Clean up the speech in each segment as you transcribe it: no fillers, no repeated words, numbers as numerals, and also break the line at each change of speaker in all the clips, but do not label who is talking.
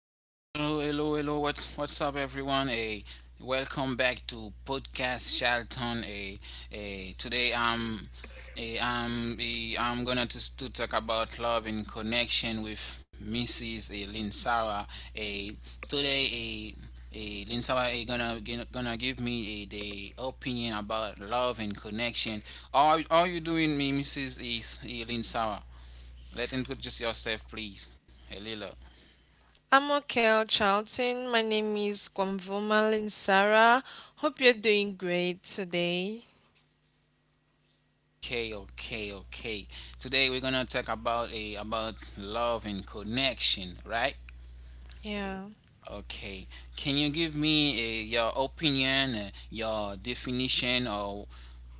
everyone, hello, hello, hello. What's up everyone? Hey, welcome back to podcast Charlton. Hey, hey, today I'm hey, I'm eh, I'm gonna to talk about love and connection with Mrs. Linsara. Sarah. Hey, today hey, hey, Linsara Sarah gonna give me the opinion about love and connection. How are you doing, me Mrs. Linsara? Let introduce yourself, please. Hey, Lila.
I'm okay, Charlton. My name is Kwamvoma Linsara. Hope you're doing great today.
Okay, okay, okay. Today we're gonna talk about a about love and connection, right?
Yeah.
Okay. Can you give me your opinion, your definition, or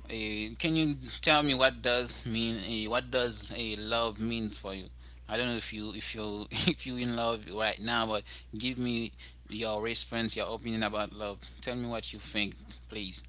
can you tell me what does mean what does a love means for you? I don't know if you if you in love right now, but give me your response, your opinion about love. Tell me what you think, please.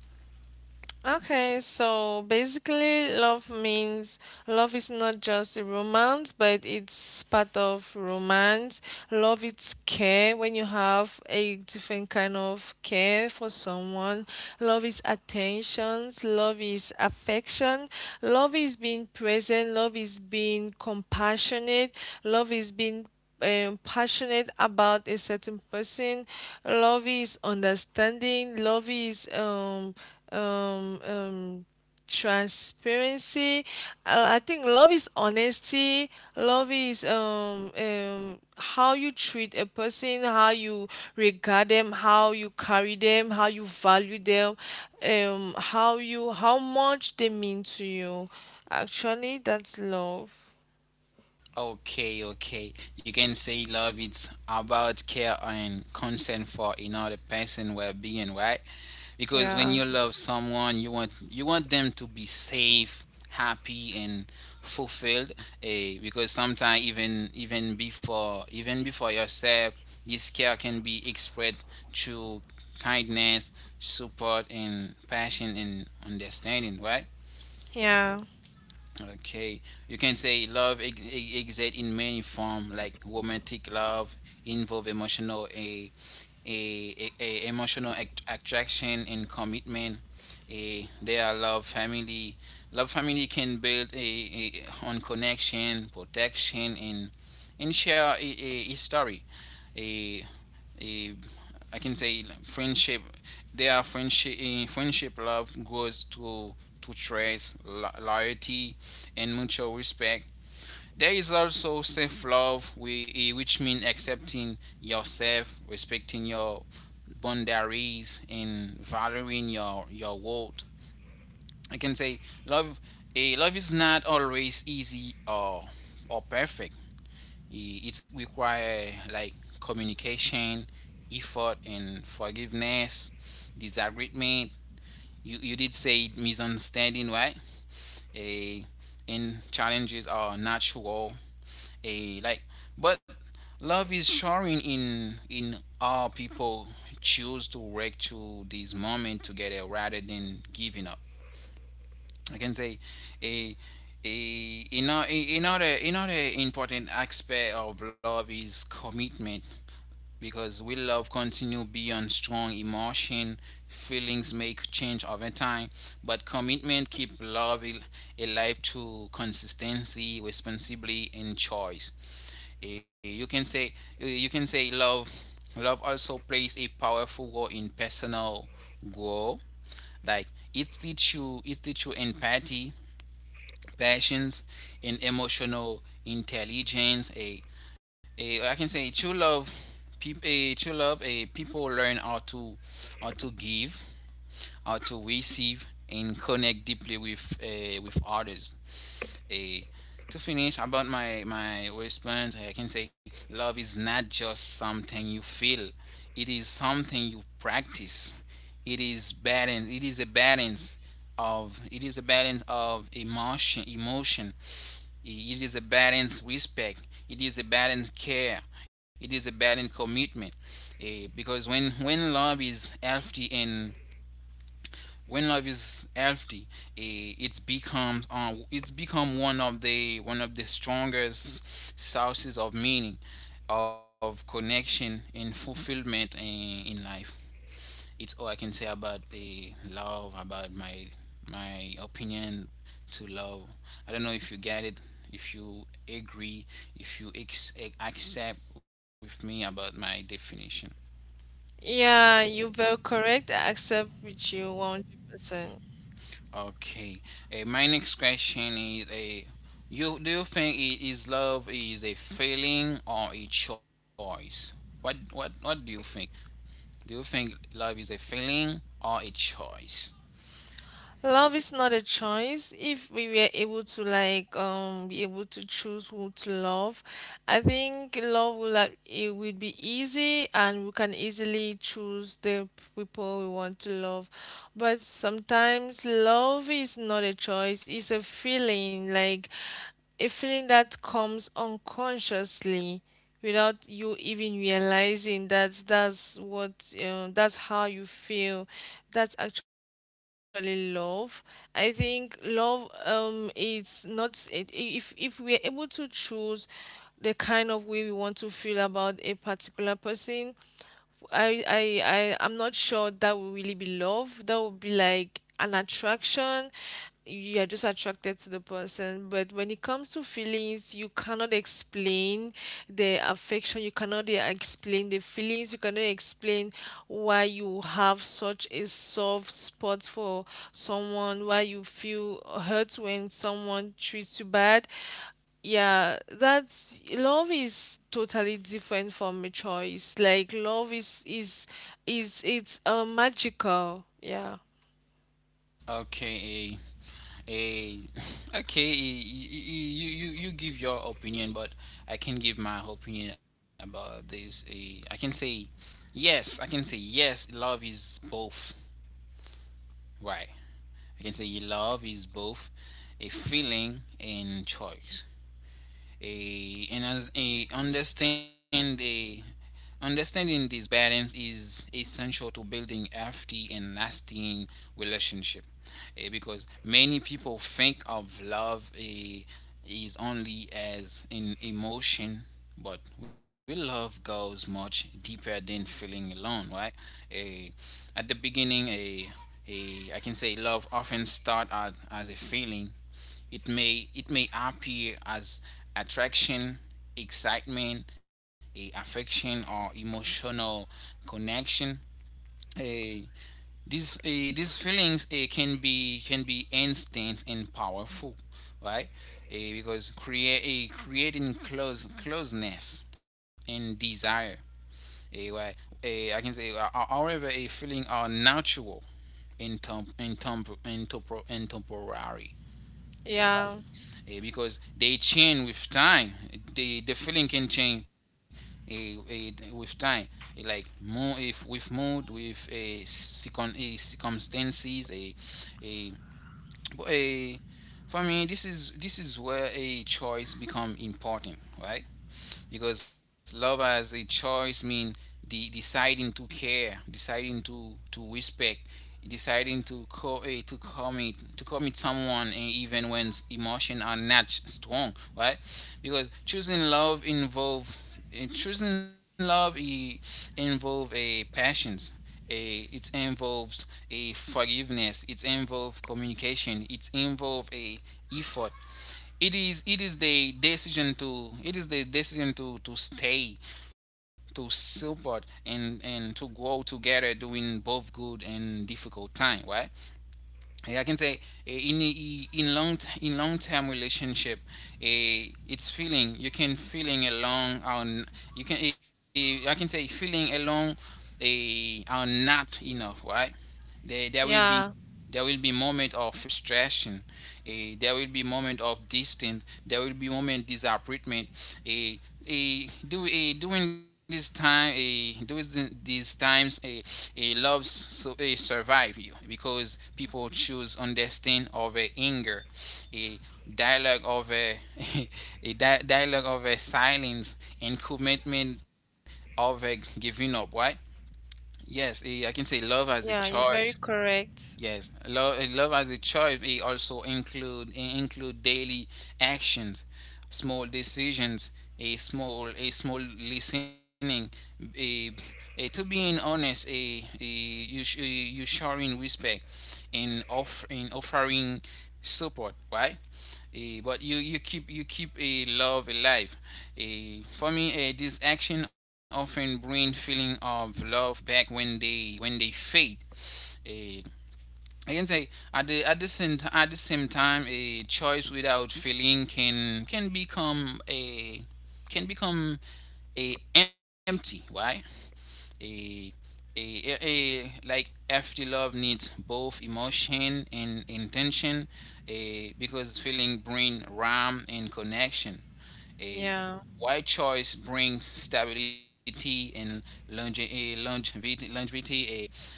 Okay, so basically, love means love is not just a romance, but it's part of romance. Love is care when you have a different kind of care for someone. Love is attentions, love is affection, love is being present, love is being compassionate, love is being passionate about a certain person. Love is understanding. Love is um um transparency. I think love is honesty. Love is how you treat a person, how you regard them, how you carry them, how you value them, how you how much they mean to you. Actually, that's love.
Okay, okay. You can say love it's about care and concern for another person well-being, right? Because when
Yeah.
you love someone, you want them to be safe, happy, and fulfilled. Eh, because sometimes even before yourself, this care can be expressed through kindness, support, and passion and understanding, right?
Yeah.
Okay, you can say love exists in many forms, like romantic love involve emotional a emotional attraction and commitment. A there are love family. Love family can build a on connection, protection, and share a story a I can say like, friendship. There are friendship in friendship love goes to trust, loyalty, and mutual respect. There is also self love, which means accepting yourself, respecting your boundaries, and valuing your worth. I can say love. A love is not always easy or perfect it requires like communication, effort, and forgiveness, disagreement. You did say misunderstanding, right? A and challenges are natural. A like, but love is showing in all people choose to work through this moment together rather than giving up. I can say a a another important aspect of love is commitment. Because we love continue beyond strong emotion feelings make change over time but commitment keep love alive to consistency responsibility and choice. Eh, you can say you can say love love also plays a powerful role in personal growth like it teach you empathy passions and emotional intelligence a I can say true love people a true love a people learn how to give how to receive and connect deeply with others. Uh, to finish about my response, I can say love is not just something you feel; it is something you practice. It is balance. It is a balance of emotion it is a balance respect it is a balance care it is a balance commitment. Eh, because when love is healthy and when love is healthy it's become one of the strongest sources of meaning of connection and fulfillment in life it's all I can say about the love about my opinion to love I don't know if you get it if you agree if you ex- accept with me about my definition.
Yeah, you're very correct. I accept with you 100%.
Okay. My next question is: a, You do you think I- is love is a feeling or a choice? What do you think? Do you think love is a feeling or a choice?
Love is not a choice. If we were able to be able to choose who to love, I think love will like it will be easy and we can easily choose the people we want to love. But sometimes love is not a choice. It's a feeling like a feeling that comes unconsciously, without you even realizing that that's how you feel. That's actually love. I think love it's not it, if we're able to choose the kind of way we want to feel about a particular person, I'm not sure that would really be love. That would be like an attraction. You are just attracted to the person. But when it comes to feelings, you cannot explain the affection. You cannot explain the feelings. You cannot explain why you have such a soft spot for someone, why you feel hurt when someone treats you bad. Yeah, that's love is totally different from a choice. Like love is it's magical. Yeah.
Okay. A, okay. You give your opinion, but I can give my opinion about this. A, I can say yes. I can say yes. Love is both. Right. I can say love is both a feeling and choice a and as a understand a understanding these balance is essential to building healthy and lasting relationship. Eh, because many people think of love is only as an emotion but we love goes much deeper than feeling alone right. Eh, at the beginning a I can say love often start out as a feeling it may appear as attraction, excitement, a affection, or emotional connection. Eh, these feelings can be instant and powerful, right? Eh, because create a creating close closeness and desire. Eh, right? Eh, I can say, however, a feeling are natural and, temp- and, temp- and, tempo- and temporary.
Yeah,
Eh, because they change with time. The feeling can change with time. Eh, like more if with mood, with circumstances, a a. For me, this is where a choice become important, right? Because love as a choice means the deciding to care, deciding to respect, deciding to co- eh, to commit someone even when emotions are not strong, right? Because choosing love involve eh, choosing love i- involve a passions. A, it involves a forgiveness. It involves communication. It involves a effort it is the decision to it is the decision to stay to support and to grow together during both good and difficult time right. Eh, I can say eh, in I- in long term relationship eh, it's feeling you can feeling alone on you can eh, I can say feeling alone eh, are not enough right there,
yeah,
there will be moment of frustration. Eh, there will be moment of distance. There will be moment disappointment. A a do a during this time a these times a love so a survive you because people choose understand over anger, a dialogue over a dialogue over silence and commitment over giving up. Why? Yes, eh, I can say love as a
yeah, you're
choice.
very correct.
Yes, love, love as a choice. It include daily actions, small decisions, a small listening, a, a to being honest, a you you showing respect, in off in offering support, right? Eh, but you keep a love alive. Eh, for me, eh, this action often bring feeling of love back when they fade. I can say at the same time, a choice without feeling can become a empty, right? A a like healthy love needs both emotion and intention a, because feeling bring ram and connection a
Yeah,
why choice brings stability and longe- a longevity, longevity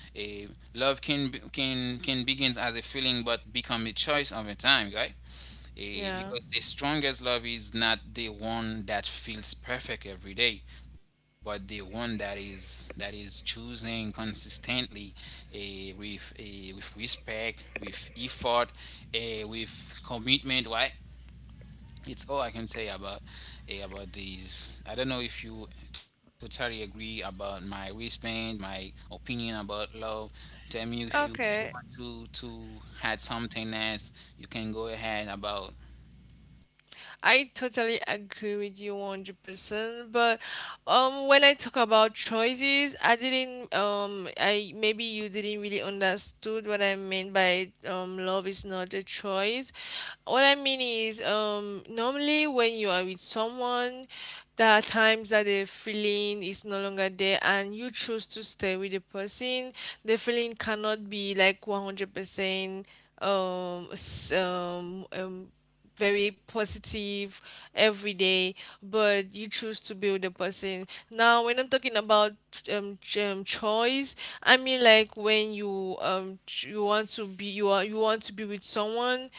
a love can be- can begins as a feeling but become a choice over time right. Eh,
yeah.
because the strongest love is not the one that feels perfect every day, but the one that is choosing consistently, with respect, with effort, with commitment. Right? It's all I can say about about these. I don't know if you totally agree about my wristband, my opinion about love. Tell me if you
Okay.
want to add something else, you can go ahead about.
I totally agree with you 100%, but when I talk about choices, I didn't I maybe you didn't really understood what I meant by love is not a choice. What I mean is normally when you are with someone, there are times that the feeling is no longer there and you choose to stay with the person. The feeling cannot be like 100% um s- um um very positive every day, but you choose to build a person. Now, when I'm talking about choice, I mean like when you you want to be you are you want to be with someone.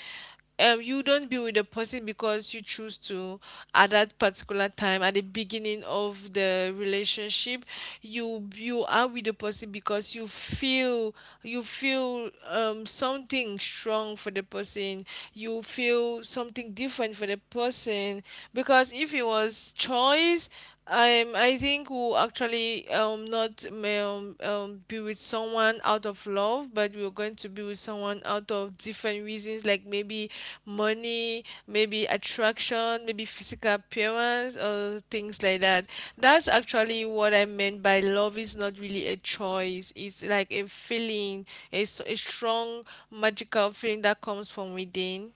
You don't be with a person because you choose to at that particular time at the beginning of the relationship. You are with the person because you feel something strong for the person. You feel something different for the person, because if it was choice, I think we'll actually not be with someone out of love, but we're going to be with someone out of different reasons, like maybe money, maybe attraction, maybe physical appearance, or things like that. That's actually what I meant by love is not really a choice. It's like a feeling, it's a strong magical feeling that comes from within.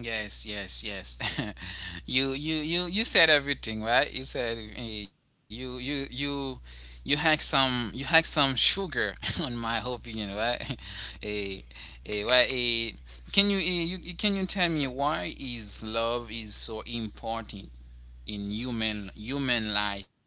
Yes, yes, yes. You said everything, right? You said eh, you had some sugar on my opinion, right? Eh, eh, why? Eh, can you, eh, can you tell me why is love is so important in human life?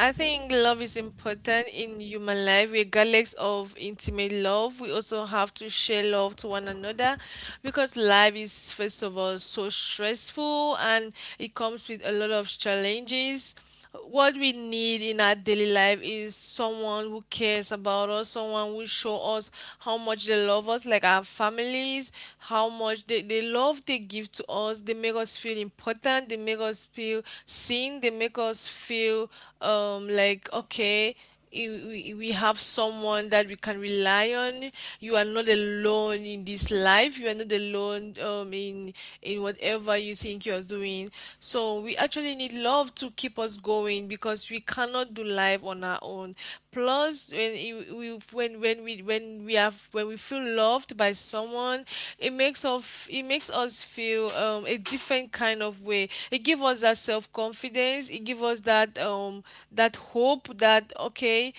I think love is important in human life, regardless of intimate love. We also have to share love to one another because life is, first of all, so stressful and it comes with a lot of challenges. What we need in our daily life is someone who cares about us, someone who show us how much they love us, like our families, how much they love they give to us. They make us feel important, they make us feel seen, they make us feel like okay, we have someone that we can rely on. You are not alone in this life. You are not alone in whatever you think you're doing. So we actually need love to keep us going because we cannot do life on our own. Plus when we have when we feel loved by someone, it makes us feel a different kind of way. It gives us that self-confidence, it gives us that that hope that okay,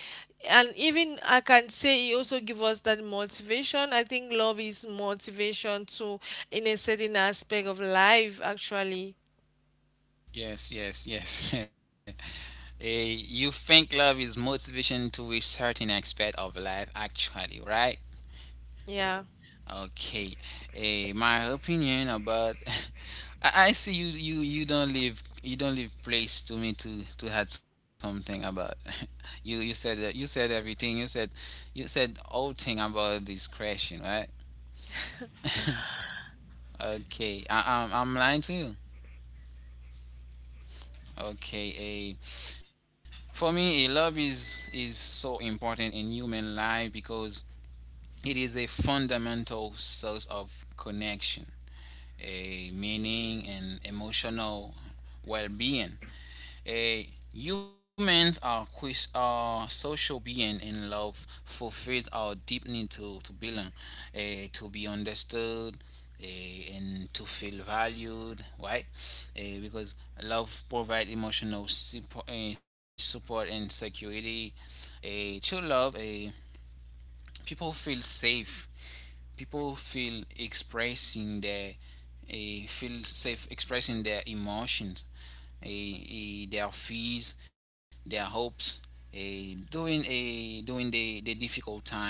and even I can say it also give us that motivation. I think love is motivation too in a certain aspect of life actually.
Yes, yes, yes. Eh, you think love is motivation to a certain aspect of life, actually, right?
Yeah.
Okay, eh, my opinion about I see you don't leave place to me to add something about you said that you said everything you said all thing about this question right okay I'm lying to you okay eh, for me a love is so important in human life because it is a fundamental source of connection a meaning and emotional well-being. A humans are quiz are social being and love fulfills our deep need to belong, eh, to be understood, eh, and to feel valued, right? Eh, because love provides emotional support, and security. A true love, a people feel safe people feel expressing their feel safe expressing their emotions their fears their hopes eh, during a during the difficult times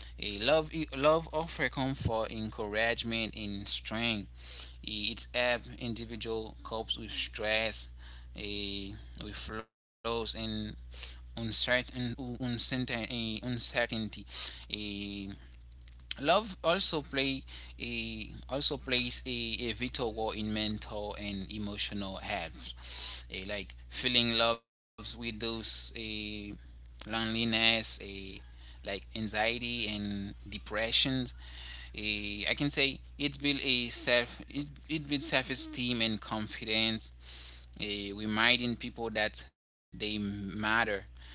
a love love offer comfort encouragement and strength. Eh, it's help individual copes with stress eh, with flaws and uncertain uncertainty. Eh, Love also plays a vital role in mental and emotional health. A, like feeling loves with those a loneliness, a like anxiety and depressions. I can say it builds self esteem and confidence. A, reminding people that they matter.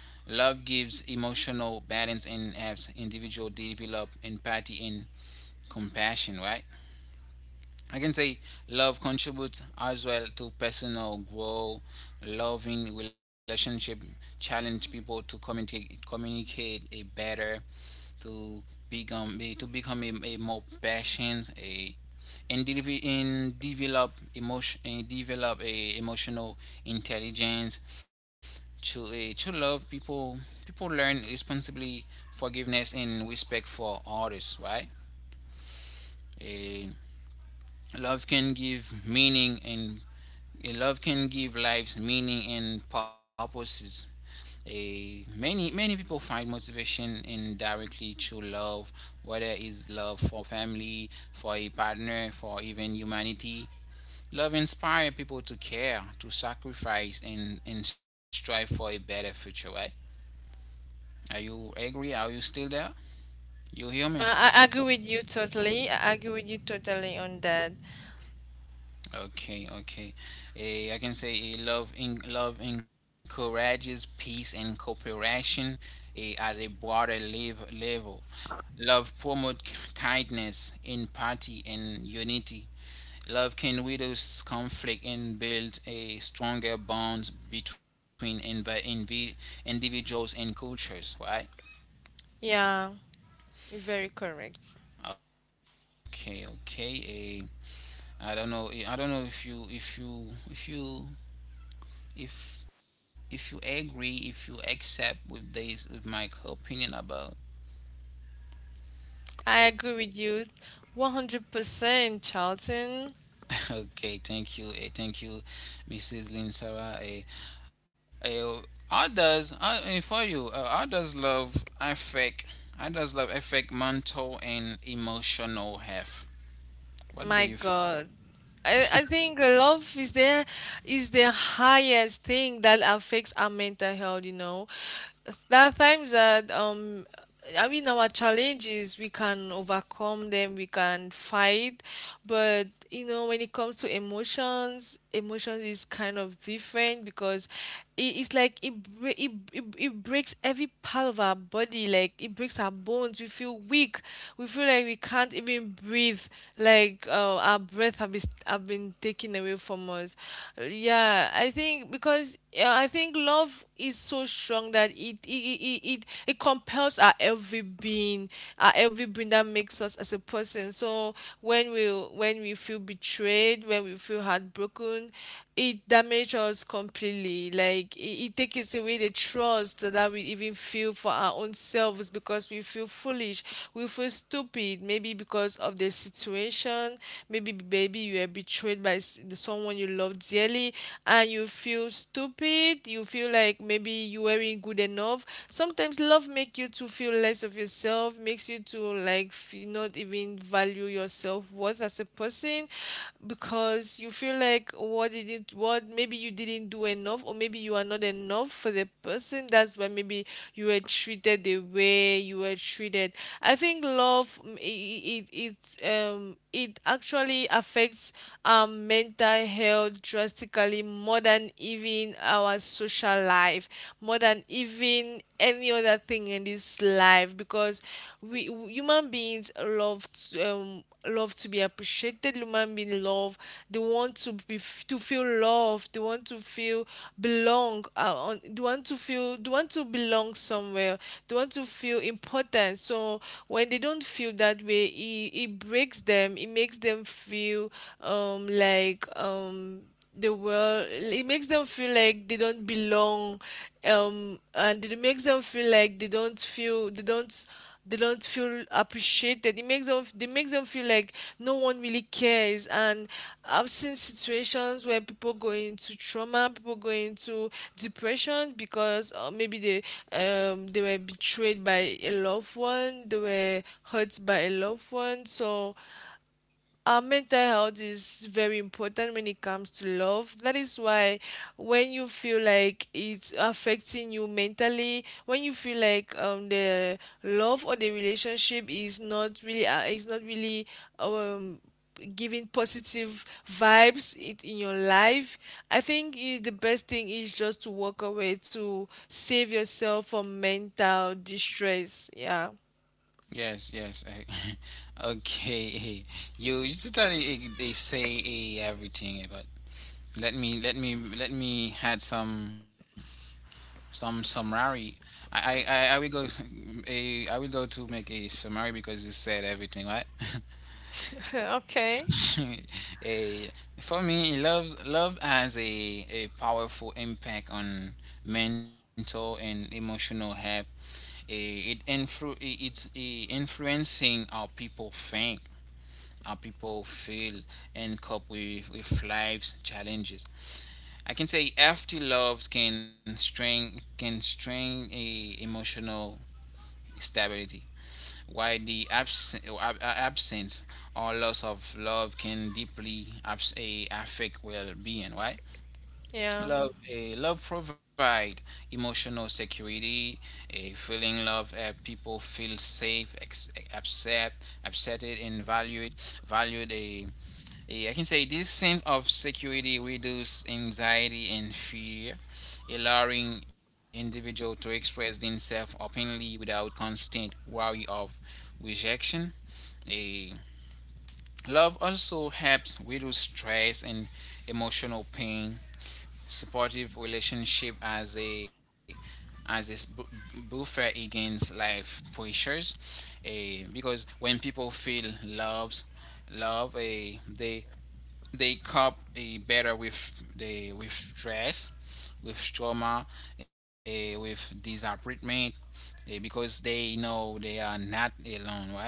Love gives emotional balance and helps individual develop empathy and compassion, right? I can say love contributes as well to personal growth. Loving relationship challenge people to communicate a better, to to become a more patient, and develop emotional intelligence. To love people, people learn responsibly forgiveness and respect for others, right? Eh, Love can give meaning and eh, love can give lives meaning and purposes. A many many people find motivation indirectly through love, whether it's love for family, for a partner, for even humanity. Love inspires people to care, to sacrifice, and strive for a better future. Right? Are you agree? Are you still there? You hear me?
I agree with you totally. I agree with you totally on that.
Okay, okay. I can say love encourages peace and cooperation, at a broader level. Love promotes kindness, empathy, and unity. Love can widow conflict and build a stronger bond between individuals and cultures. Right?
Yeah. You're very correct.
Okay, okay. I don't know. I don't know if you agree, if you accept with this, with my opinion about
I agree with you 100%, Charlton.
okay, thank you, thank you, Mrs. Lynn Sarah. Eh, Others, for you, others love affect mental and emotional health, what do you
My God. I think love is there is the highest thing that affects our mental health, you know. There are times that I mean our challenges we can overcome them, we can fight, but you know when it comes to emotions, emotions is kind of different because it, it's like it, bre- it breaks every part of our body. Like it breaks our bones, we feel weak, we feel like we can't even breathe, like our breath have been taken away from us. Yeah, I think because I think love is so strong that it compels our every being, our every being that makes us as a person. So when we feel betrayed, when we feel heartbroken, it damages us completely. Like it takes away the trust that we even feel for our own selves because we feel foolish, we feel stupid. Maybe because of the situation, maybe you are betrayed by someone you love dearly, and you feel stupid. You feel like maybe you weren't good enough. Sometimes love make you to feel less of yourself, makes you to not even value your self worth as a person, because you feel like what did it what maybe you didn't do enough or maybe you are not enough for the person. That's why maybe you were treated the way you were treated. I think love it actually affects our mental health drastically more than even our social life, more than even any other thing in this life, because we human beings love to, love to be appreciated. Human beings love, they want to be to feel loved, they want to feel belong they want to feel they want to belong somewhere, they want to feel important. So when they don't feel that way, it breaks them. It makes them feel um like um the world, it makes them feel like they don't belong, and it makes them feel like they don't feel appreciated. It makes them, it makes them feel like no one really cares. And I've seen situations where people go into trauma, people go into depression because maybe they were betrayed by a loved one, they were hurt by a loved one. So our mental health is very important when it comes to love. That is why when you feel like it's affecting you mentally, when you feel like the love or the relationship is not really um giving positive vibes it in your life, I think is the best thing is just to walk away to save yourself from mental distress. Yeah.
yes, yes, okay, eh, you, you totally they say everything about. Let me add some summary. I will go a I will go to make a summary because you said everything right.
okay.
a For me, love has a powerful impact on mental and emotional health. It influencing how people think, how people feel, and cope with life's challenges. I can say healthy loves can strain a emotional stability, while the absence or loss of love can deeply affect well-being. Right?
Yeah.
Love, love provide emotional security. A feeling love, people feel safe, accepted, and valued. A Yeah, I can say this sense of security reduces anxiety and fear, allowing individual to express themselves openly without constant worry of rejection. A Love also helps reduce stress and emotional pain. Supportive relationship as a buffer against life pressures. A Because when people feel loves, love a they cope, better with the with stress, with trauma, with disappointment, because they know they are not alone, right?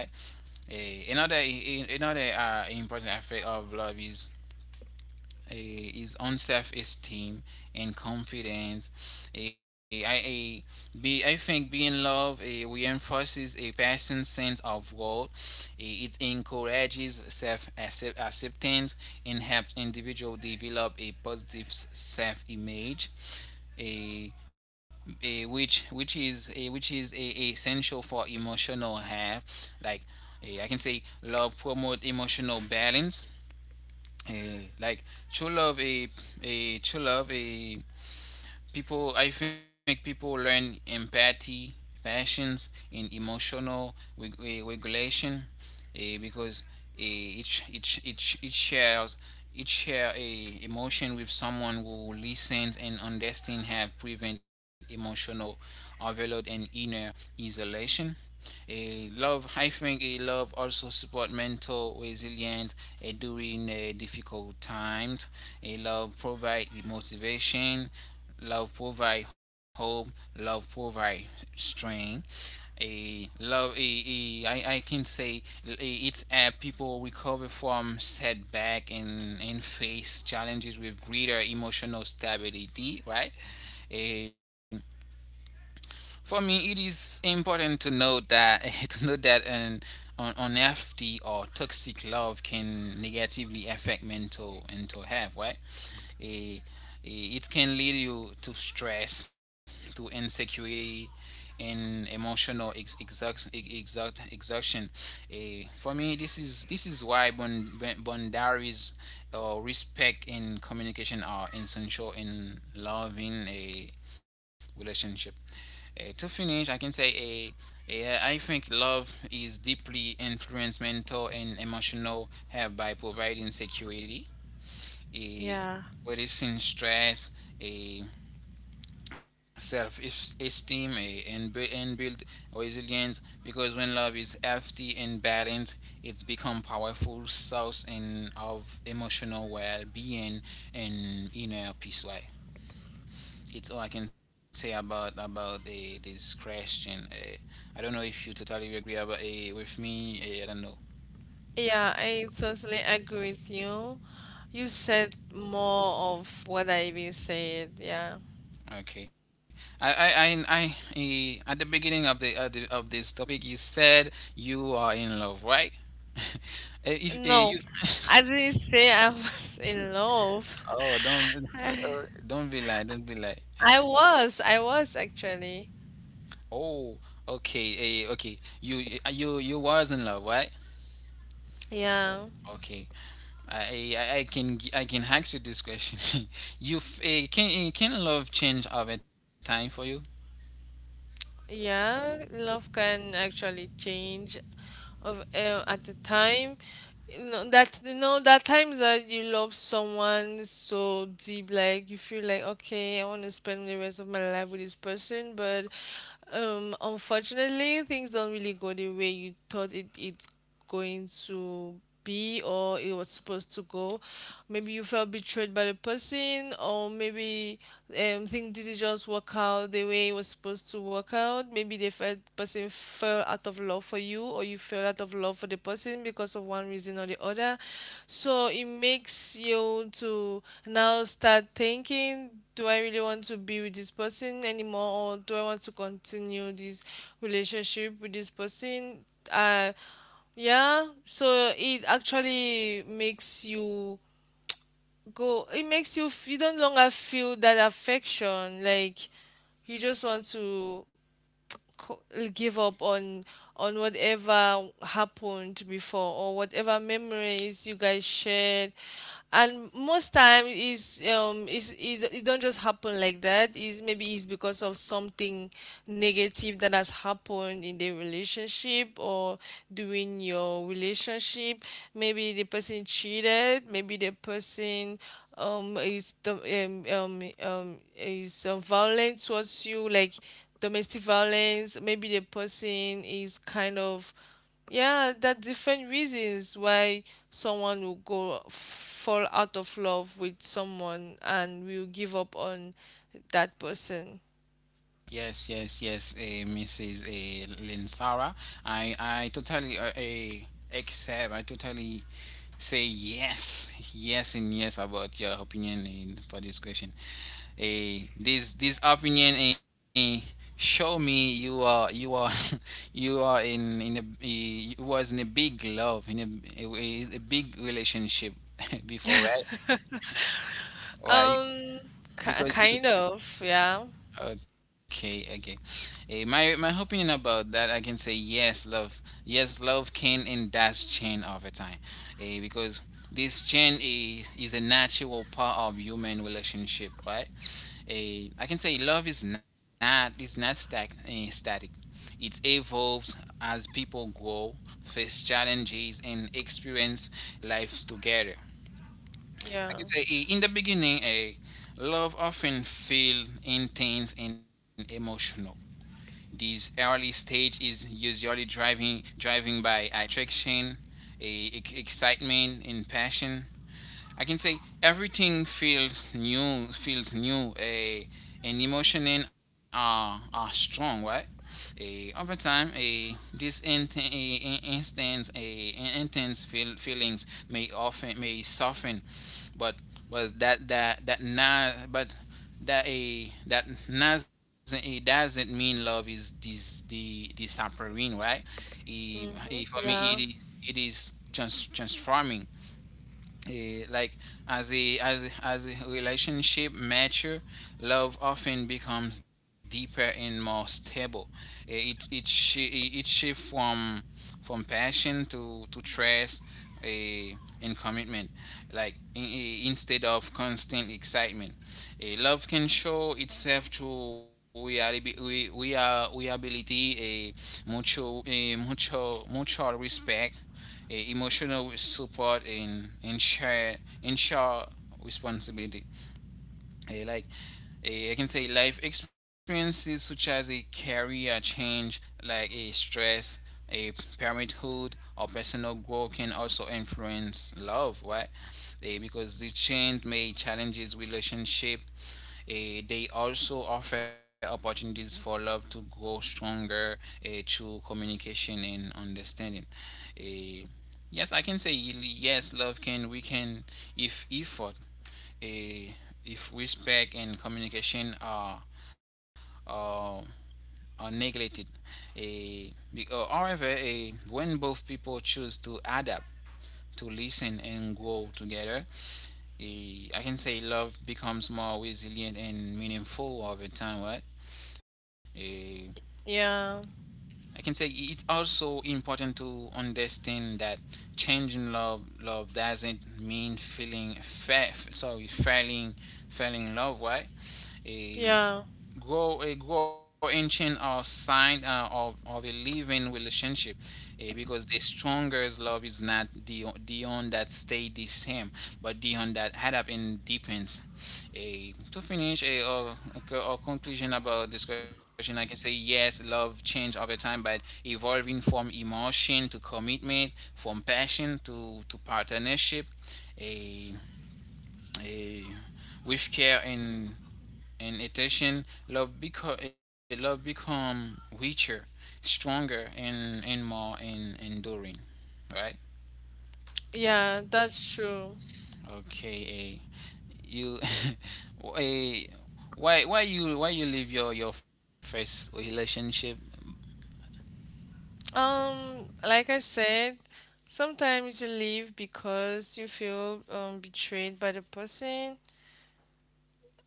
Another important effect of love is his own self-esteem and confidence. I think being loved reinforces a person's sense of worth. It encourages self-acceptance and helps individual develop a positive self-image. A a which is a, Essential for emotional health, like I can say love promote emotional balance. Eh, like true love a true love, a people, I think, people learn empathy, passions, and emotional regulation, because it shares, it share a emotion with someone who listens and understands have prevent emotional overload and inner isolation. A Love, I think, a love also support mental resilience during difficult times. A Love provide the motivation. Love provide hope. Love provide strength. A love, a, I can say eh, it's people recover from setback and face challenges with greater emotional stability, right? A For me, it is important to note that to note that an unhealthy or toxic love can negatively affect mental health, right? Eh, it can lead you to stress, to insecurity, and emotional exhaustion. For me, this is why boundaries, respect, and communication are essential in loving a relationship. To finish, I can say a I think love is deeply influenced mental and emotional health by providing security, a
Yeah.
reducing stress, a self-esteem, and and build resilience. Because when love is healthy and balanced, it's become powerful source and of emotional well-being and inner peace. Right? It's all I can say about the, this question. I don't know if you totally agree about with me. I don't know.
Yeah, I totally agree with you. You said more of what I even said. Yeah.
Okay. I, at the beginning of the of this topic, you said you are in love, right? If
No,
you
I didn't say I was in love.
oh, don't be like.
I was actually.
Oh, okay, okay. You you you was in love, right?
Yeah.
Okay. I can I can ask you this question. you f- eh, can eh, Can love change over time for you?
Yeah, love can actually change of at the time. You know that times that you love someone so deep, like you feel like okay, I want to spend the rest of my life with this person, but unfortunately, things don't really go the way you thought it's going to be or it was supposed to go. Maybe you felt betrayed by the person, or maybe things didn't just work out the way it was supposed to work out. Maybe the felt person fell out of love for you, or you fell out of love for the person because of one reason or the other. So it makes you to now start thinking. Do I really want to be with this person anymore, or do I want to continue this relationship with this person? Uh, yeah, so it actually makes you go, it makes you, you don't longer feel that affection. Like, you just want to co- give up on whatever happened before or whatever memories you guys shared, and most time is it don't just happen like that. Is maybe it's because of something negative that has happened in the relationship or during your relationship. Maybe the person cheated, maybe the person is the is violent towards you, like domestic violence. Maybe the person is kind of, yeah, that different reasons why someone will go fall out of love with someone and will give up on that person.
Yes, yes, yes, Mrs. Linsara. I, totally accept, I totally say yes, yes, and yes about your opinion in, for this question. This this opinion show me you are you are in you was in a big love in a big relationship before, right? Why?
um
Because.
Kind of, Yeah,
Okay, okay. My my opinion about that, I can say yes, love. Yes, love can and does change over time, because this change is a natural part of human relationship, right? I can say love is not static. It evolves as people grow, face challenges, and experience life together. I
yeah,
can say, in the beginning, love often feels intense and emotional. This early stage is usually driving by attraction, excitement, and passion. I can say everything feels new, and emotion and are strong, right? Over time, a these int- a- instance, a- intense feelings may soften, but was that that that na but that a that doesn't mean love is this the disappearing, right? For me,
yeah,
it is transforming. Like as a relationship mature, love often becomes deeper and more stable. It shifts from passion to trust, eh, and commitment. Like instead of constant excitement, love can show itself through reality, we are we ability, a mutual respect, emotional support, and share responsibility. Eh, like I can say life experiences such as a career change, like a stress, a parenthood, or personal growth can also influence love, right? Because the change may challenges relationship. They also offer opportunities for love to grow stronger through communication and understanding. A Yes, I can say yes, love can, we can, if effort, a if respect and communication are, are neglected. a However, a when both people choose to adapt, to listen and grow together, I can say love becomes more resilient and meaningful over time, right?
yeah,
I can say it's also important to understand that changing love doesn't mean feeling fa- sorry failing, failing in love, right? Eh,
yeah,
Grow a grow ancient, or sign of a living relationship, because the strongest love is not the one that stay the same, but the one that had up and deepens. To finish okay, or conclusion about this question, I can say yes, love change over time but evolving from emotion to commitment, from passion to partnership, a a with care, and in addition, love become richer, stronger, and more and enduring. Right?
yeah, that's true.
Okay. You, eh, why you leave your first relationship?
um like I said, sometimes you leave because you feel betrayed by the person.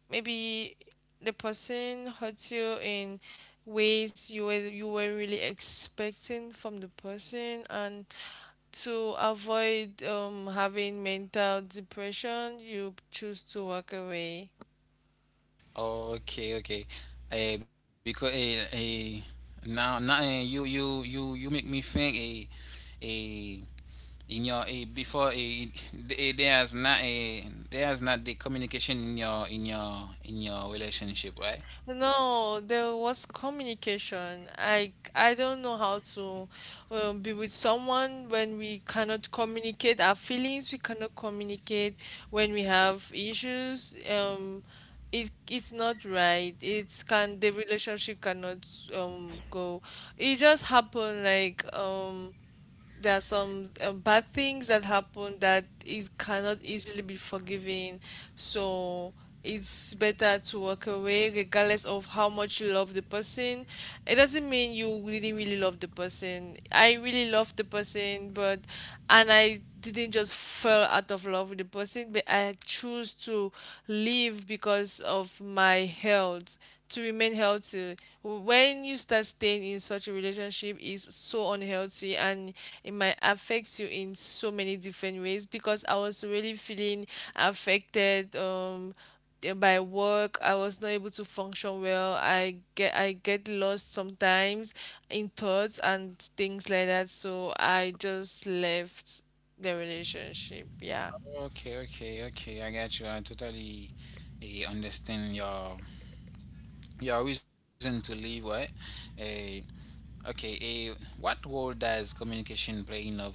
Maybe the person hurts you in ways you were really expecting from the person, and to avoid having mental depression, you choose to walk away.
Okay. Okay. Eh, because eh, eh, now now eh, You make me think, a in your, before there not a there's not the communication in your relationship, right?
No, there was communication. I don't know how to be with someone when we cannot communicate our feelings. We cannot communicate when we have issues. It it's not right. It's can the relationship cannot go. It just happened like, there are some bad things that happen that it cannot easily be forgiven. So it's better to walk away regardless of how much you love the person. It doesn't mean you really, really love the person. I really love the person, but and I didn't just fall out of love with the person, but I chose to live because of my health, to remain healthy. When you start staying in such a relationship is so unhealthy, and it might affect you in so many different ways, because I was really feeling affected, by work. I was not able to function well. I get lost sometimes in thoughts and things like that, so I just left the relationship. Yeah.
Okay, okay, okay, I got you. I totally understand your reason to leave, right? Eh, okay, what role does communication play in love for you?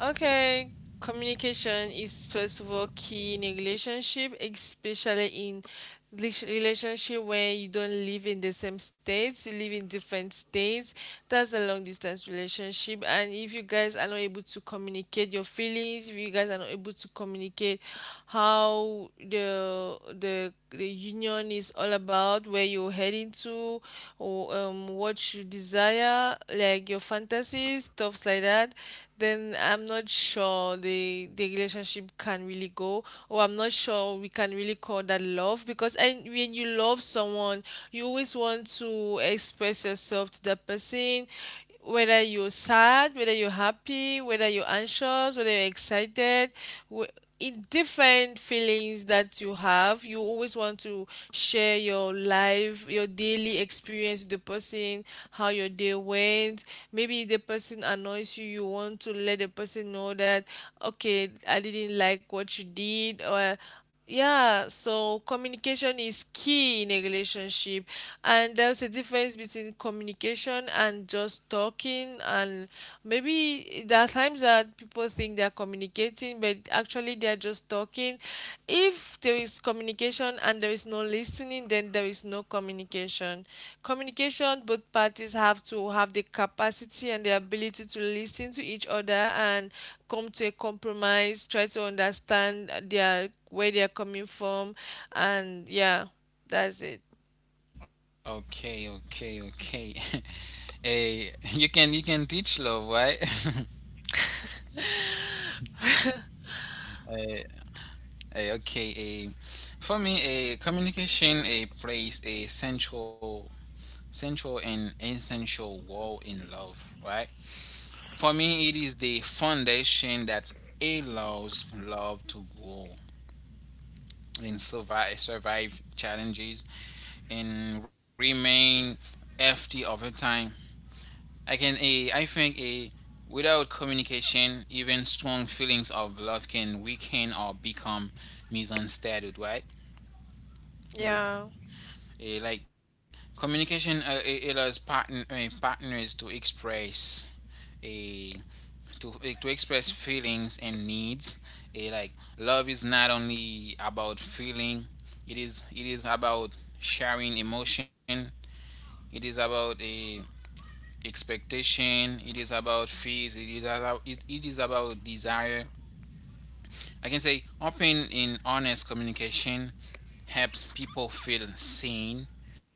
Okay, communication is, first of all, key in a relationship, especially in relationship where you don't live in the same states, you live in different states. That's a long distance relationship. And if you guys are not able to communicate your feelings, if you guys are not able to communicate how the union is all about, where you're heading to, or what you desire, like your fantasies, stuffs like that, then I'm not sure the relationship can really go, or I'm not sure we can really call that love. Because and when you love someone, you always want to express yourself to that person, whether you're sad, whether you're happy, whether you're anxious, whether you're excited. In different feelings that you have, you always want to share your life, your daily experience, with the person, how your day went. Maybe if the person annoys you, you want to let the person know that, okay, I didn't like what you did, or yeah. So communication is key in a relationship, and there's a difference between communication and just talking. And maybe there are times that people think they're communicating, but actually they're just talking. If there is communication and there is no listening, then there is no communication. Communication, both parties have to have the capacity and the ability to listen to each other and come to a compromise, try to understand their where they are coming from, and yeah, that's it.
Okay, okay, okay, you can teach love, right? uh, okay, for me, a communication plays a central, central and essential role in love, right? For me, it is the foundation that allows love to grow and survive, survive challenges, and remain healthy over time. I think, a without communication, even strong feelings of love can weaken or become misunderstood, right?
Yeah.
Eh, like Communication it allows partners to express, a to express feelings and needs. Like love is not only about feeling, it is about sharing emotion, it is about a expectation, it is about fears, it is about it is about desire. I can say open and honest communication helps people feel seen,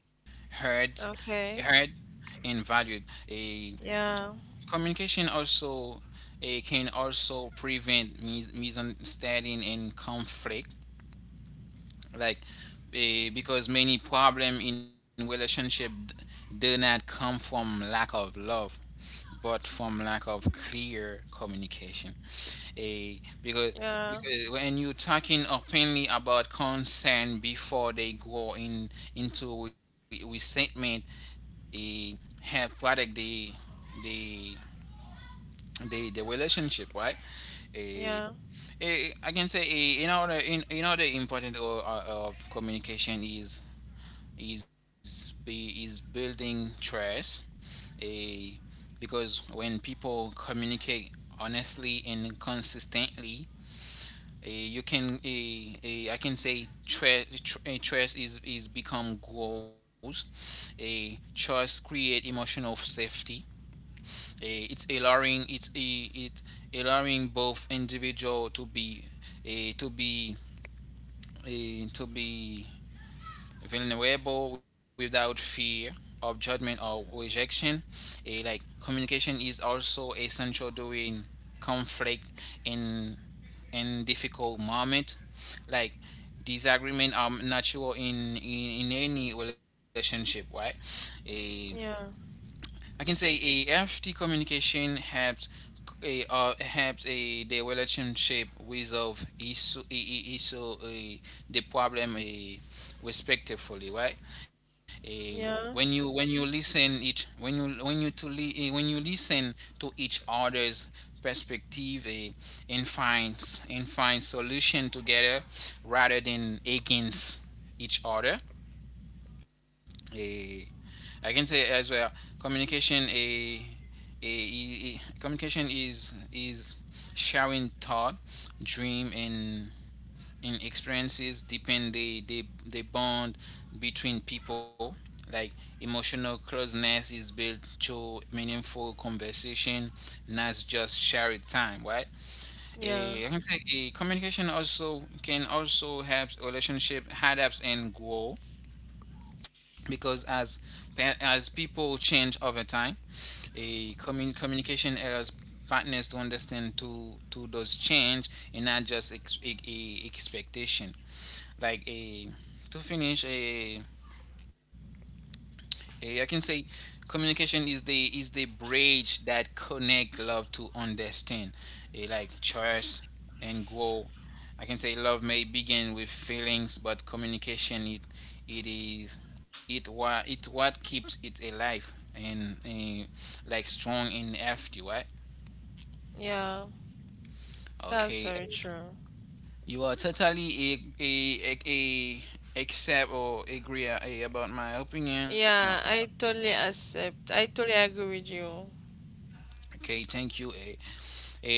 heard, heard
Okay.
and valued. A
Yeah.
Communication also can also prevent misunderstanding and conflict, like because many problem in relationship do not come from lack of love, but from lack of clear communication. Eh, because
Yeah.
because when you're talking openly about concern before they go in into resentment, eh, have product the they the relationship, right? Eh,
Yeah.
eh, I can say eh, Another in another important of communication is be is building trust. A Because when people communicate honestly and consistently, eh, you can eh, eh, I can say trust, trust is become goals. A trust create emotional safety. Eh, it's allowing it's a it allowing both individual to be a to be a to be vulnerable without fear of judgment or rejection. A Like communication is also essential during conflict in in difficult moment. Like disagreement are natural in any relationship, right? A
Yeah.
I can say a healthy communication helps a helps a the relationship resolve issue eh, the problem respectfully, right? Eh,
Yeah.
when you listen it when you to li- eh, When you listen to each other's perspective and find solution together rather than against each other. A I can say as well, communication a, a- communication is sharing thought, dream, and experiences depend the bond between people. Like emotional closeness is built through meaningful conversation, not just shared time, right?
Yeah.
I can say communication also can also help relationship adapt and grow, because as people change over time, communication errors partners to understand to those change and not just ex- a expectation. Like a to finish a Eh, I can say communication is the bridge that connect love to understand, like trust and grow. I can say love may begin with feelings, but communication it is it what keeps it alive and like strong and active, right?
Yeah. That's very
Okay.
true.
You are totally a accept or agree about my opinion.
Yeah, I totally accept. I totally agree with you.
Okay, thank you. Uh,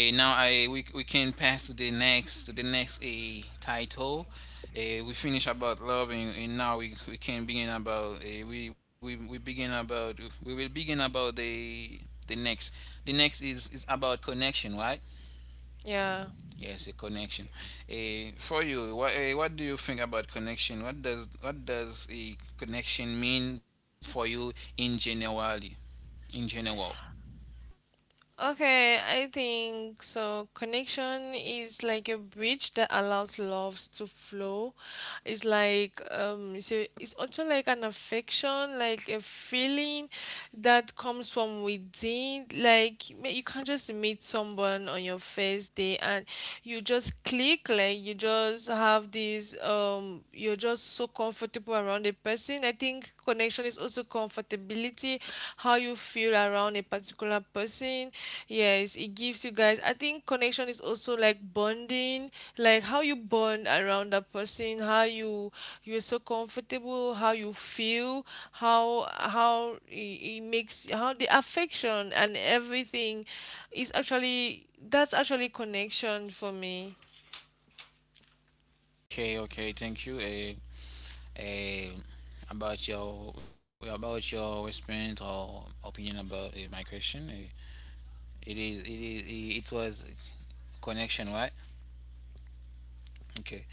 uh, Now I we can pass to the next, to the next a title. We finish about love, and now we, can begin about, we, we begin about we will begin about the next. The next is about connection, right?
Yeah.
Yes, a connection. Uh, for you, what do you think about connection? What does, what does a connection mean for you, in generally in general?
Okay, I think so. Connection is like a bridge that allows loves to flow. It's like, it's, a, it's also like an affection, like a feeling that comes from within. Like you you can't just meet someone on your first day and you just click. Like you just have this, you're just so comfortable around a person. I think connection is also comfortability, how you feel around a particular person. Yes, it gives you guys. I think connection is also like bonding, like how you bond around that person, how you, you're so comfortable, how you feel, how it makes, how the affection and everything is actually, that's actually connection for me.
Okay, okay, thank you. Eh, about your, about your experience or opinion about my question. Eh, it was connection, right? Okay.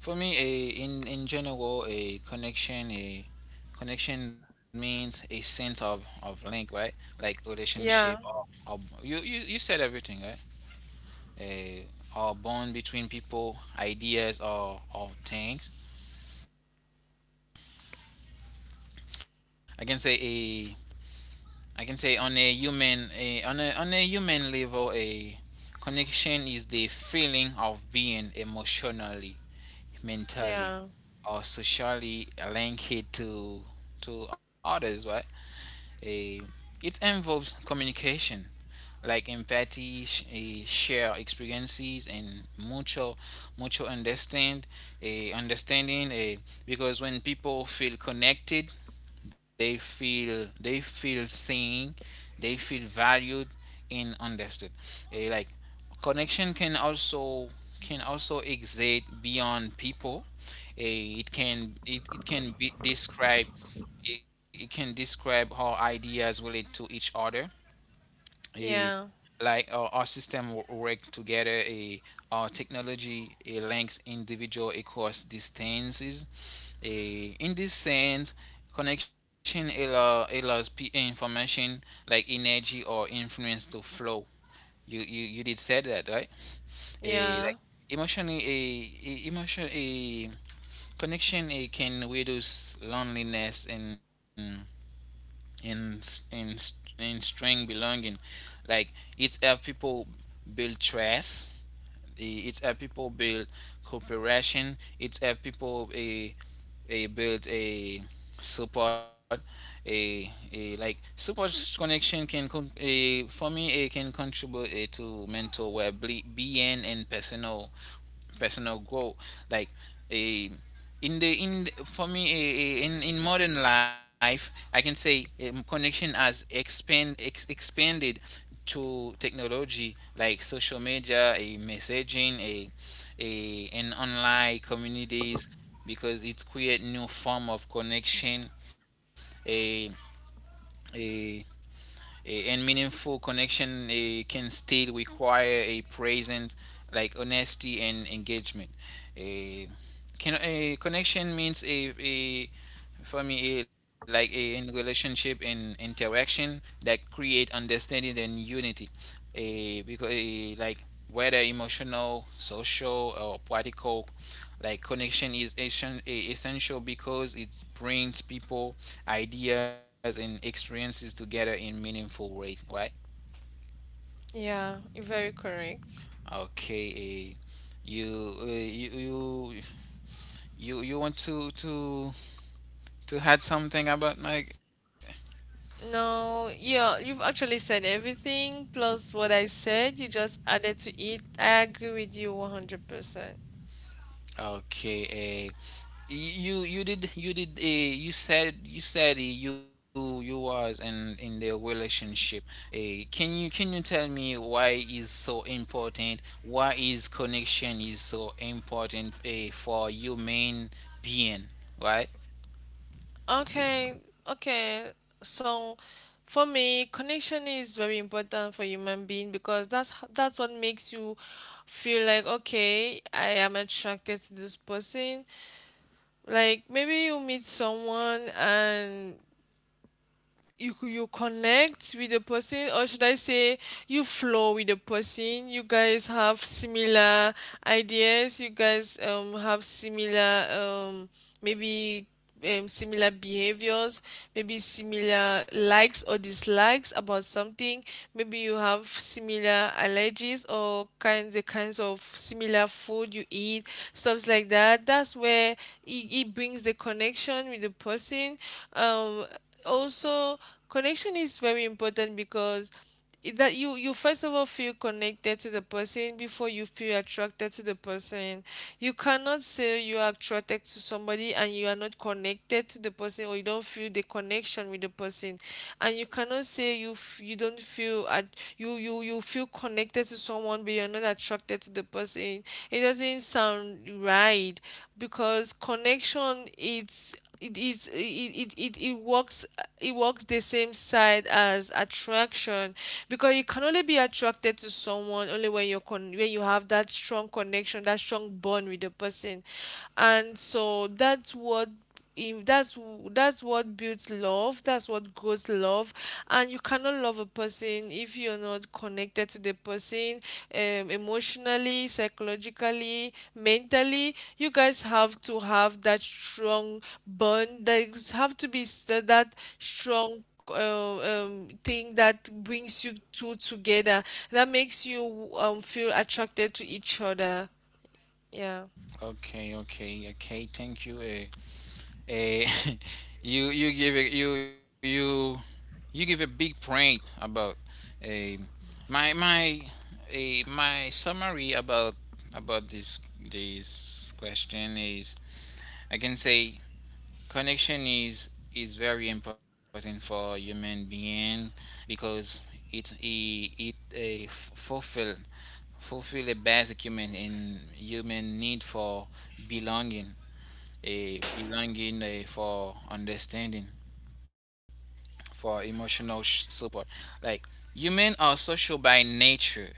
For me, a in general, a connection means a sense of link, right? Like relationship,
Yeah,
or, you, you said everything, right? A Or bond between people, ideas, or things. I can say a I can say on on a human level, a connection is the feeling of being emotionally, mentally,
yeah,
or socially linked to others, right? A It involves communication like empathy, sh- a share experiences, and mutual mutual understand, understanding, a because when people feel connected, they feel seen, they feel valued, and understood. Eh, like connection can also exist beyond people. Eh, it it can be described, it can describe how ideas relate to each other. A
yeah,
Like our system work together. A Our technology a links individual across distances. A In this sense, connection allows information like energy or influence to flow. You, you did say that, right? a like
yeah,
Emotionally, a emotion a connection a can reduce loneliness and in in in s- strength belonging. Like it's help people build trust, it's help people build cooperation, it's help people a build a support. A Like support, connection for me, it can contribute to mental well being and personal growth. Like eh, in the in for me, in modern life, I can say connection has expanded to technology like social media, a messaging, a an online communities, because it's create new form of connection. A a a- and meaningful connection can still require a present, like honesty and engagement. A, can, a Connection means a for me a, like a in relationship and interaction that create understanding and unity. Because, like, whether emotional, social, or practical, like connection is essential because it brings people, ideas, and experiences together in meaningful ways, right?
yeah. Very correct.
Okay. You, you want to add something about Mike?
No, yeah, you've actually said everything plus what I said. You just added to it. I agree with you 100%.
Okay, eh, you said, you, was in the relationship. Eh, can you, can you tell me why is so important? Why is connection is so important for human being, right?
Okay, okay. So for me, connection is very important for human being, because that's that's what makes you feel like, okay, I am attracted to this person. Like maybe you meet someone and you connect with the person, or should I say you flow with the person. You guys have similar ideas, you guys have similar, maybe similar behaviors, maybe similar likes or dislikes about something. Maybe you have similar allergies or kinds, the kinds of similar food you eat, stuffs like that. That's where it brings the connection with the person. Um, Also, connection is very important because that you first of all feel connected to the person before you feel attracted to the person. You cannot say you are attracted to somebody and you are not connected to the person, or you don't feel the connection with the person. And you cannot say you don't feel at, you feel connected to someone but you're not attracted to the person. It doesn't sound right, because connection, it's it is it, it, it, it works. It works the same side as attraction, because you can only be attracted to someone only when when you have that strong connection, that strong bond with the person. And so that's what, that's what builds love, that's what grows love. And you cannot love a person if you're not connected to the person, emotionally, psychologically, mentally. You guys have to have that strong bond. There's have to be that strong uh, um, thing that brings you two together, that makes you feel attracted to each other, yeah.
Okay, okay, okay. Thank you. Eh. Eh, you give it you you you give a big point about a my my a my summary about this question is, I can say connection is very important for human being, because it a fulfill a basic human in human need for belonging. A belonging, for understanding, for emotional support. Like human are social by nature.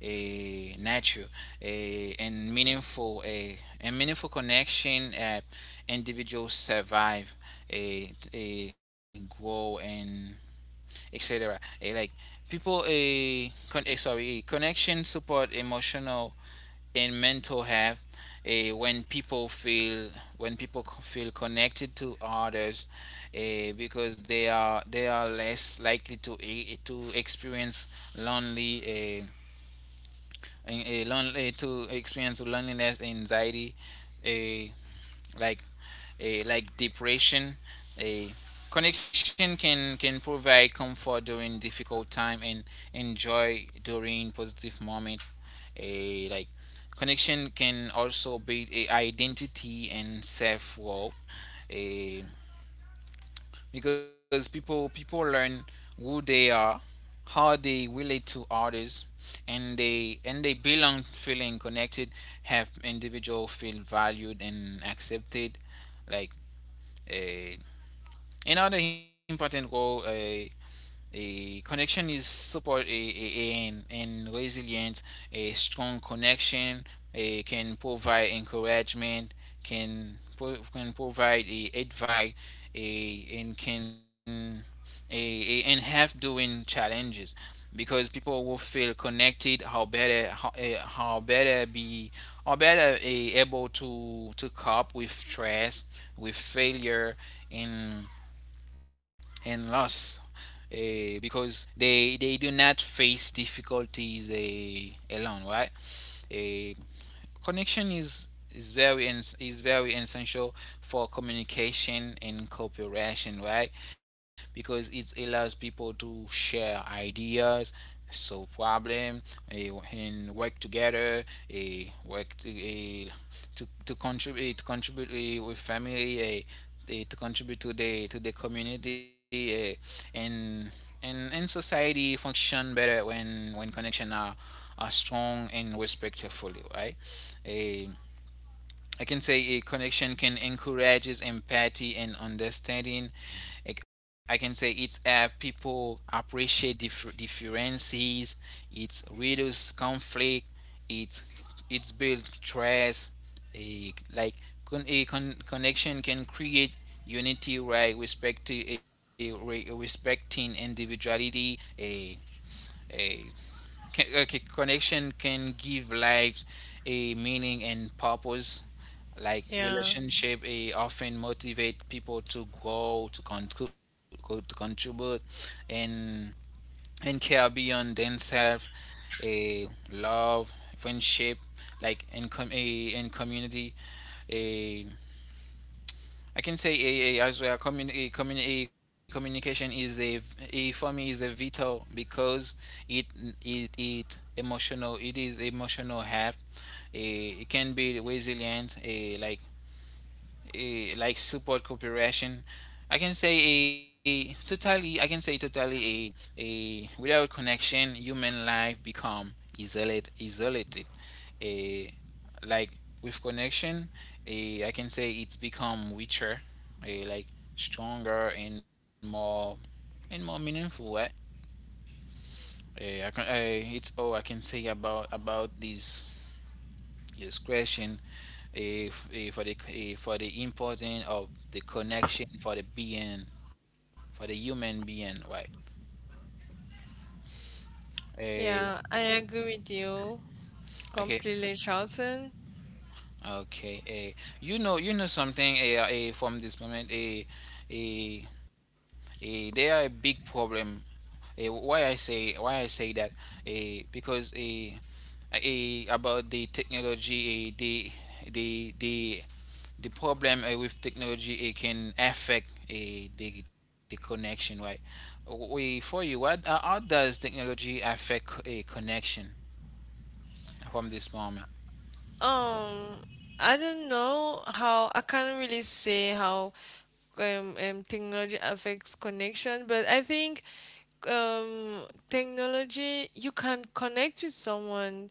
A nature a And meaningful, connection, individuals survive, a grow, and etc. Eh, like people a con- eh, sorry eh, connection support emotional in mental health. eh, when people feel when people feel connected to others, because they are, they are less likely to to experience lonely eh, eh, eh, lon- eh, to experience loneliness, anxiety, eh, like like depression. A Connection can provide comfort during difficult time and enjoy during positive moment. A Like connection can also build a identity and self worth, a because people learn who they are, how they relate to others, and they belong. Feeling connected have individual feel valued and accepted, like. Eh, another important goal, eh, a connection is support a and resilience. A strong connection, can provide encouragement, can provide a advice, and can, and help doing challenges, because people will feel connected. How better be, or better, able to cope with stress, with failure, and and loss, because they do not face difficulties, alone, right? Uh, connection is, very, is very essential for communication and cooperation, right? Because it allows people to share ideas, solve problem, eh, and work together, eh, work to, eh, to contribute, to contribute, with family, eh, eh, to contribute to the community, eh, and, and society function better when connection are strong and respectfully, right? a I can say a connection can encourages empathy and understanding. I can say it's, people appreciate differences. It reduces conflict. It it's build trust. A Like, connection can create unity, right? Respect to a re- respecting individuality. A a okay, connection can give life a meaning and purpose. Like
Yeah,
relationship, eh, often motivate people to grow, to contribute, and and care beyond themselves. A love, friendship, like in com- a in community. I can say a as well. Communication is a for me, is a vital, because it, it emotional. It is emotional help. It can be resilient. A Like, support, cooperation. I can say a totally. I can say totally, a without connection, human life become isolated. Isolated. A Like, with connection, a I can say it's become richer, a like stronger and more, and more meaningful, right? Eh, I can. I, it's all I can say about this Discretion, question, if for the, for the importance of the connection for the being, for the human being, right? Eh,
yeah, I agree with you
okay,
completely, Charlton.
okay. Eh, you know something. From this moment, eh, there are a big problem. Eh, why I say, why I say that? Eh, because, eh, eh, about the technology, eh, the the the problem with technology, it can affect the connection, right? We For you, what, how does technology affect a connection from this moment?
Um, I don't know how. I can't really say how technology affects connection, but I think um technology, you can connect with someone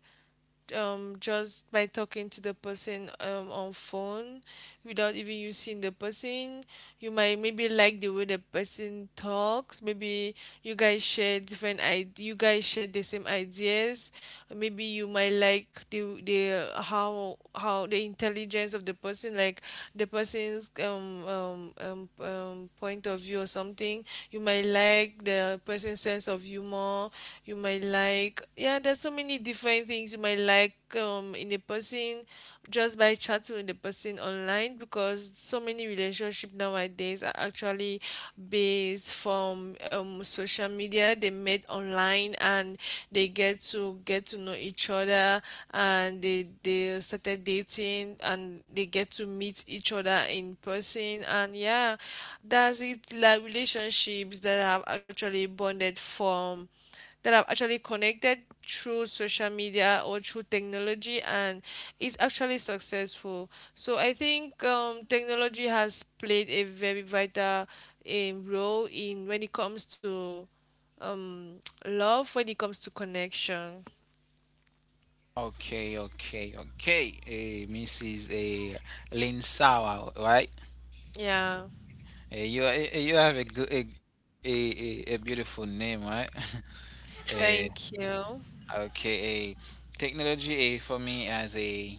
just by talking to the person on phone without even you seeing the person. You might maybe like the way the person talks. Maybe you guys share you guys share the same ideas. Maybe you might like the how the intelligence of the person, like the person's point of view or something, something. You might like the person's sense of humor. You might like, yeah, there's so many different things you might like, in a person, just by chatting with the person online. Because so many relationship nowadays are actually based from, social media. They met online and they get to know each other, and they started dating, and they get to meet each other in person, and yeah, that's it. Like relationships that have actually bonded from, that have actually connected through social media or through technology, and it's actually successful. So I think technology has played a very vital role in, when it comes to um, love, when it comes to connection.
Okay, okay, okay. Mrs. Lin Sawa, right?
Yeah.
You, you have a good a beautiful name, right? uh,
Thank you.
okay, technology, for me, as a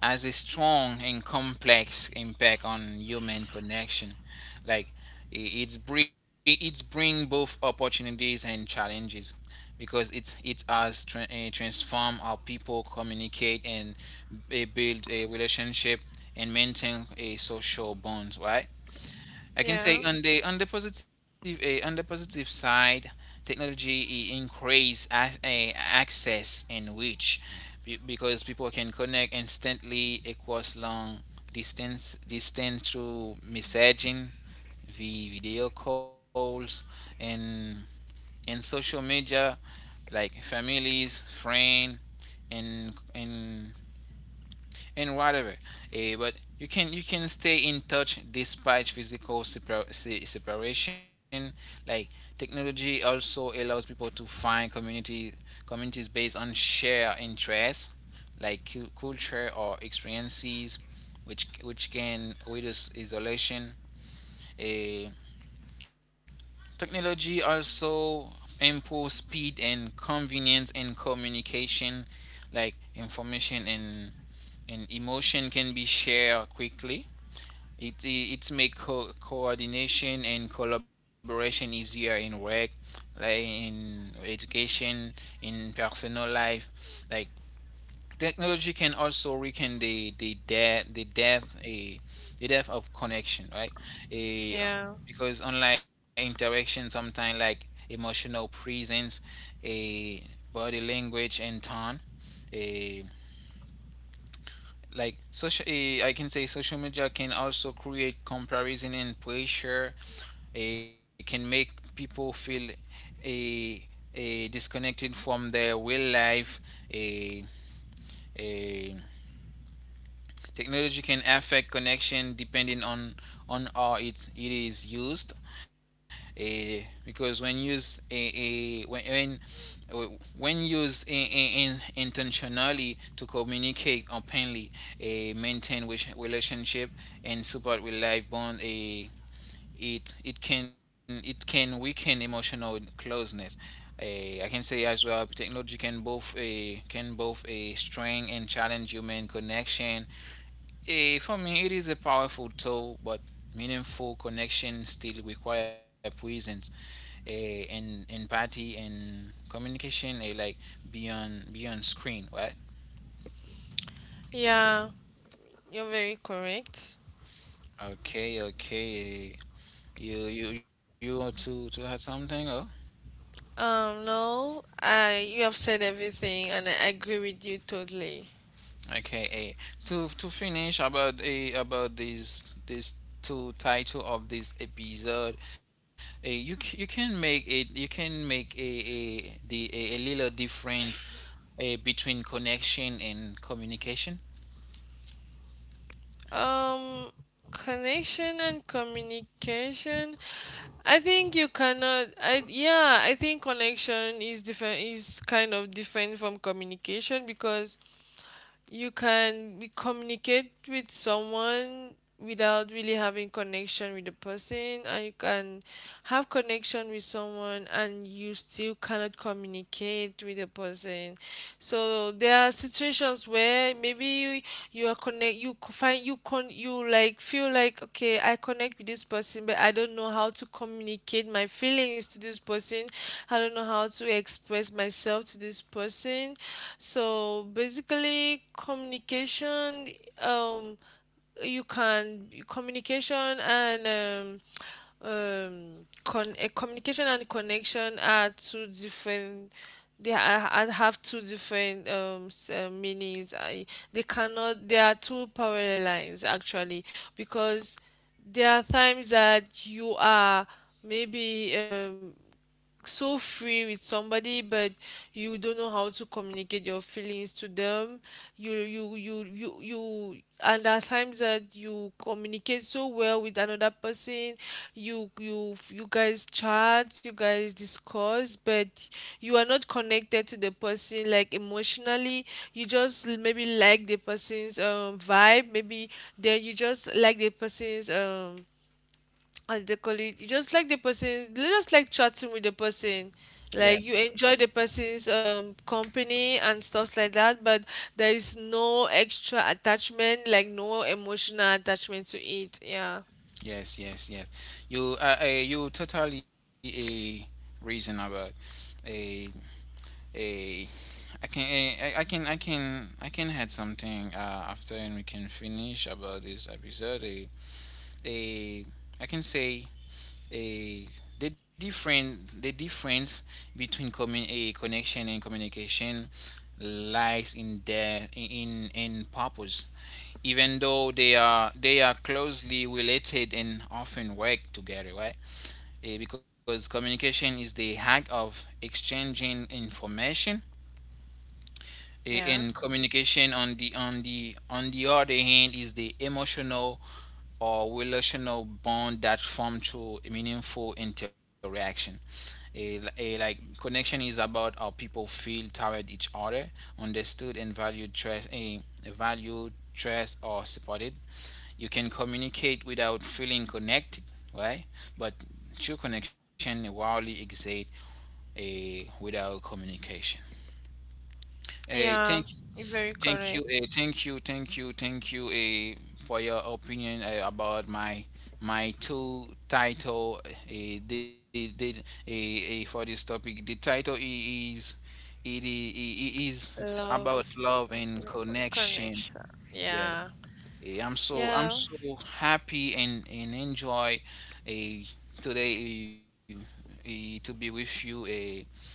has a strong and complex impact on human connection. Like, it's bring both opportunities and challenges, because it has transformed how people communicate and, build a relationship and maintain a social bonds, right? I can say
Yeah.
on the positive side, technology increase a access and reach because people can connect instantly across long distance through messaging, video calls, and and social media like families, friends, and and and whatever. But you can stay in touch despite physical separation. Like technology also allows people to find community communities based on shared interests, like culture or experiences, which can reduce isolation. Eh, Technology also improves speed and convenience in communication, like information and emotion can be shared quickly. It makes coordination and collaboration easier in work, like in education, in personal life. Like technology can also weaken the death of connection, right? A
Yeah,
Because online interaction sometimes like emotional presence, a body language and tone. A Like social I can say social media can also create comparison and pressure. It can make people feel a a disconnected from their real life a a Technology can affect connection depending on how it is used because when used a when w- when used intentionally to communicate openly, a maintain relationship and support with life bond, a it can weaken emotional closeness. I can say as well, technology can both a strengthen and challenge human connection. For me, it is a powerful tool, but meaningful connection still require presence, and empathy and communication, like beyond screen, right?
yeah, you're very correct.
Okay, okay. You want to add something?
No, I you have said everything, and I agree with you totally.
Okay, to finish about a about this two title of this episode, you c- you can make it you can make a a little difference between connection and communication.
Um, Connection and communication. I think you cannot. I, yeah, I think connection is different. Is kind of different from communication, because you can communicate with someone without really having connection with the person, and you can have connection with someone and you still cannot communicate with the person. So there are situations where maybe you, you are connect you c- find you con you like feel like, okay, I connect with this person, but I don't know how to communicate my feelings to this person. I don't know how to express myself to this person. So basically, communication, um, you can communication and um, um, communication and connection are two different. They are, have two different meanings. I, they cannot. There are two parallel lines actually, because there are times that you are maybe, so free with somebody, but you don't know how to communicate your feelings to them. You And at times that you communicate so well with another person, you guys chat, you guys discuss, but you are not connected to the person, like emotionally. You just maybe like the person's vibe. Maybe then you just like the person's, how do they call it, you just like the person, you just like chatting with the person, like you
Yes,
enjoy the person's company and stuff like that. But there is no extra attachment, like no emotional attachment to it, yeah.
yes, yes, yes. You you totally a reason about a a I can eh, I can I can I can add something after and we can finish about this episode. Eh. a I can say a the difference between commun- a connection and communication lies in their in purpose even though they are closely related and often work together, right. Because communication is the act of exchanging information. I-
Yeah.
in communication on the on the on the other hand is the emotional or relational bond that form through meaningful interaction. A Like connection is about how people feel toward each other, understood and valued, trust a valued trust or supported. You can communicate without feeling connected, right? But true connection rarely exists a without communication. uh,
Yeah,
thank,
you're very correct.
Thank you, thank you, for your opinion about my my two title. The For this topic, the title I- is it, I- is about
Love,
love and connection.
connection,
Yeah.
yeah.
I'm
Yeah.
so happy and enjoy uh, today to be with you.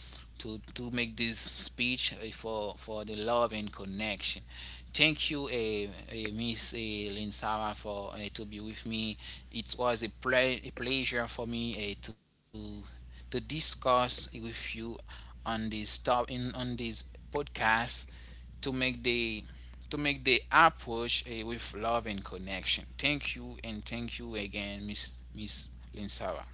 To make this speech for the love and connection. Thank you, Miss Linsara, for to be with me. It was a pleasure for me to discuss with you on this top in on this podcast to make the to make the approach with love and connection. Thank you and thank you again, Miss Linsara.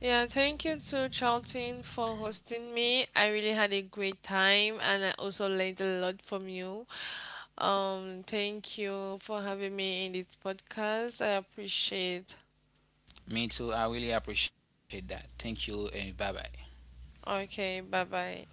Yeah, thank you to Charlton for hosting me. I really had a great time, and I also learned a lot from you. Thank you for having me in this podcast. I appreciate.
Me too. I really appreciate that. Thank you and bye bye.
Okay, bye bye.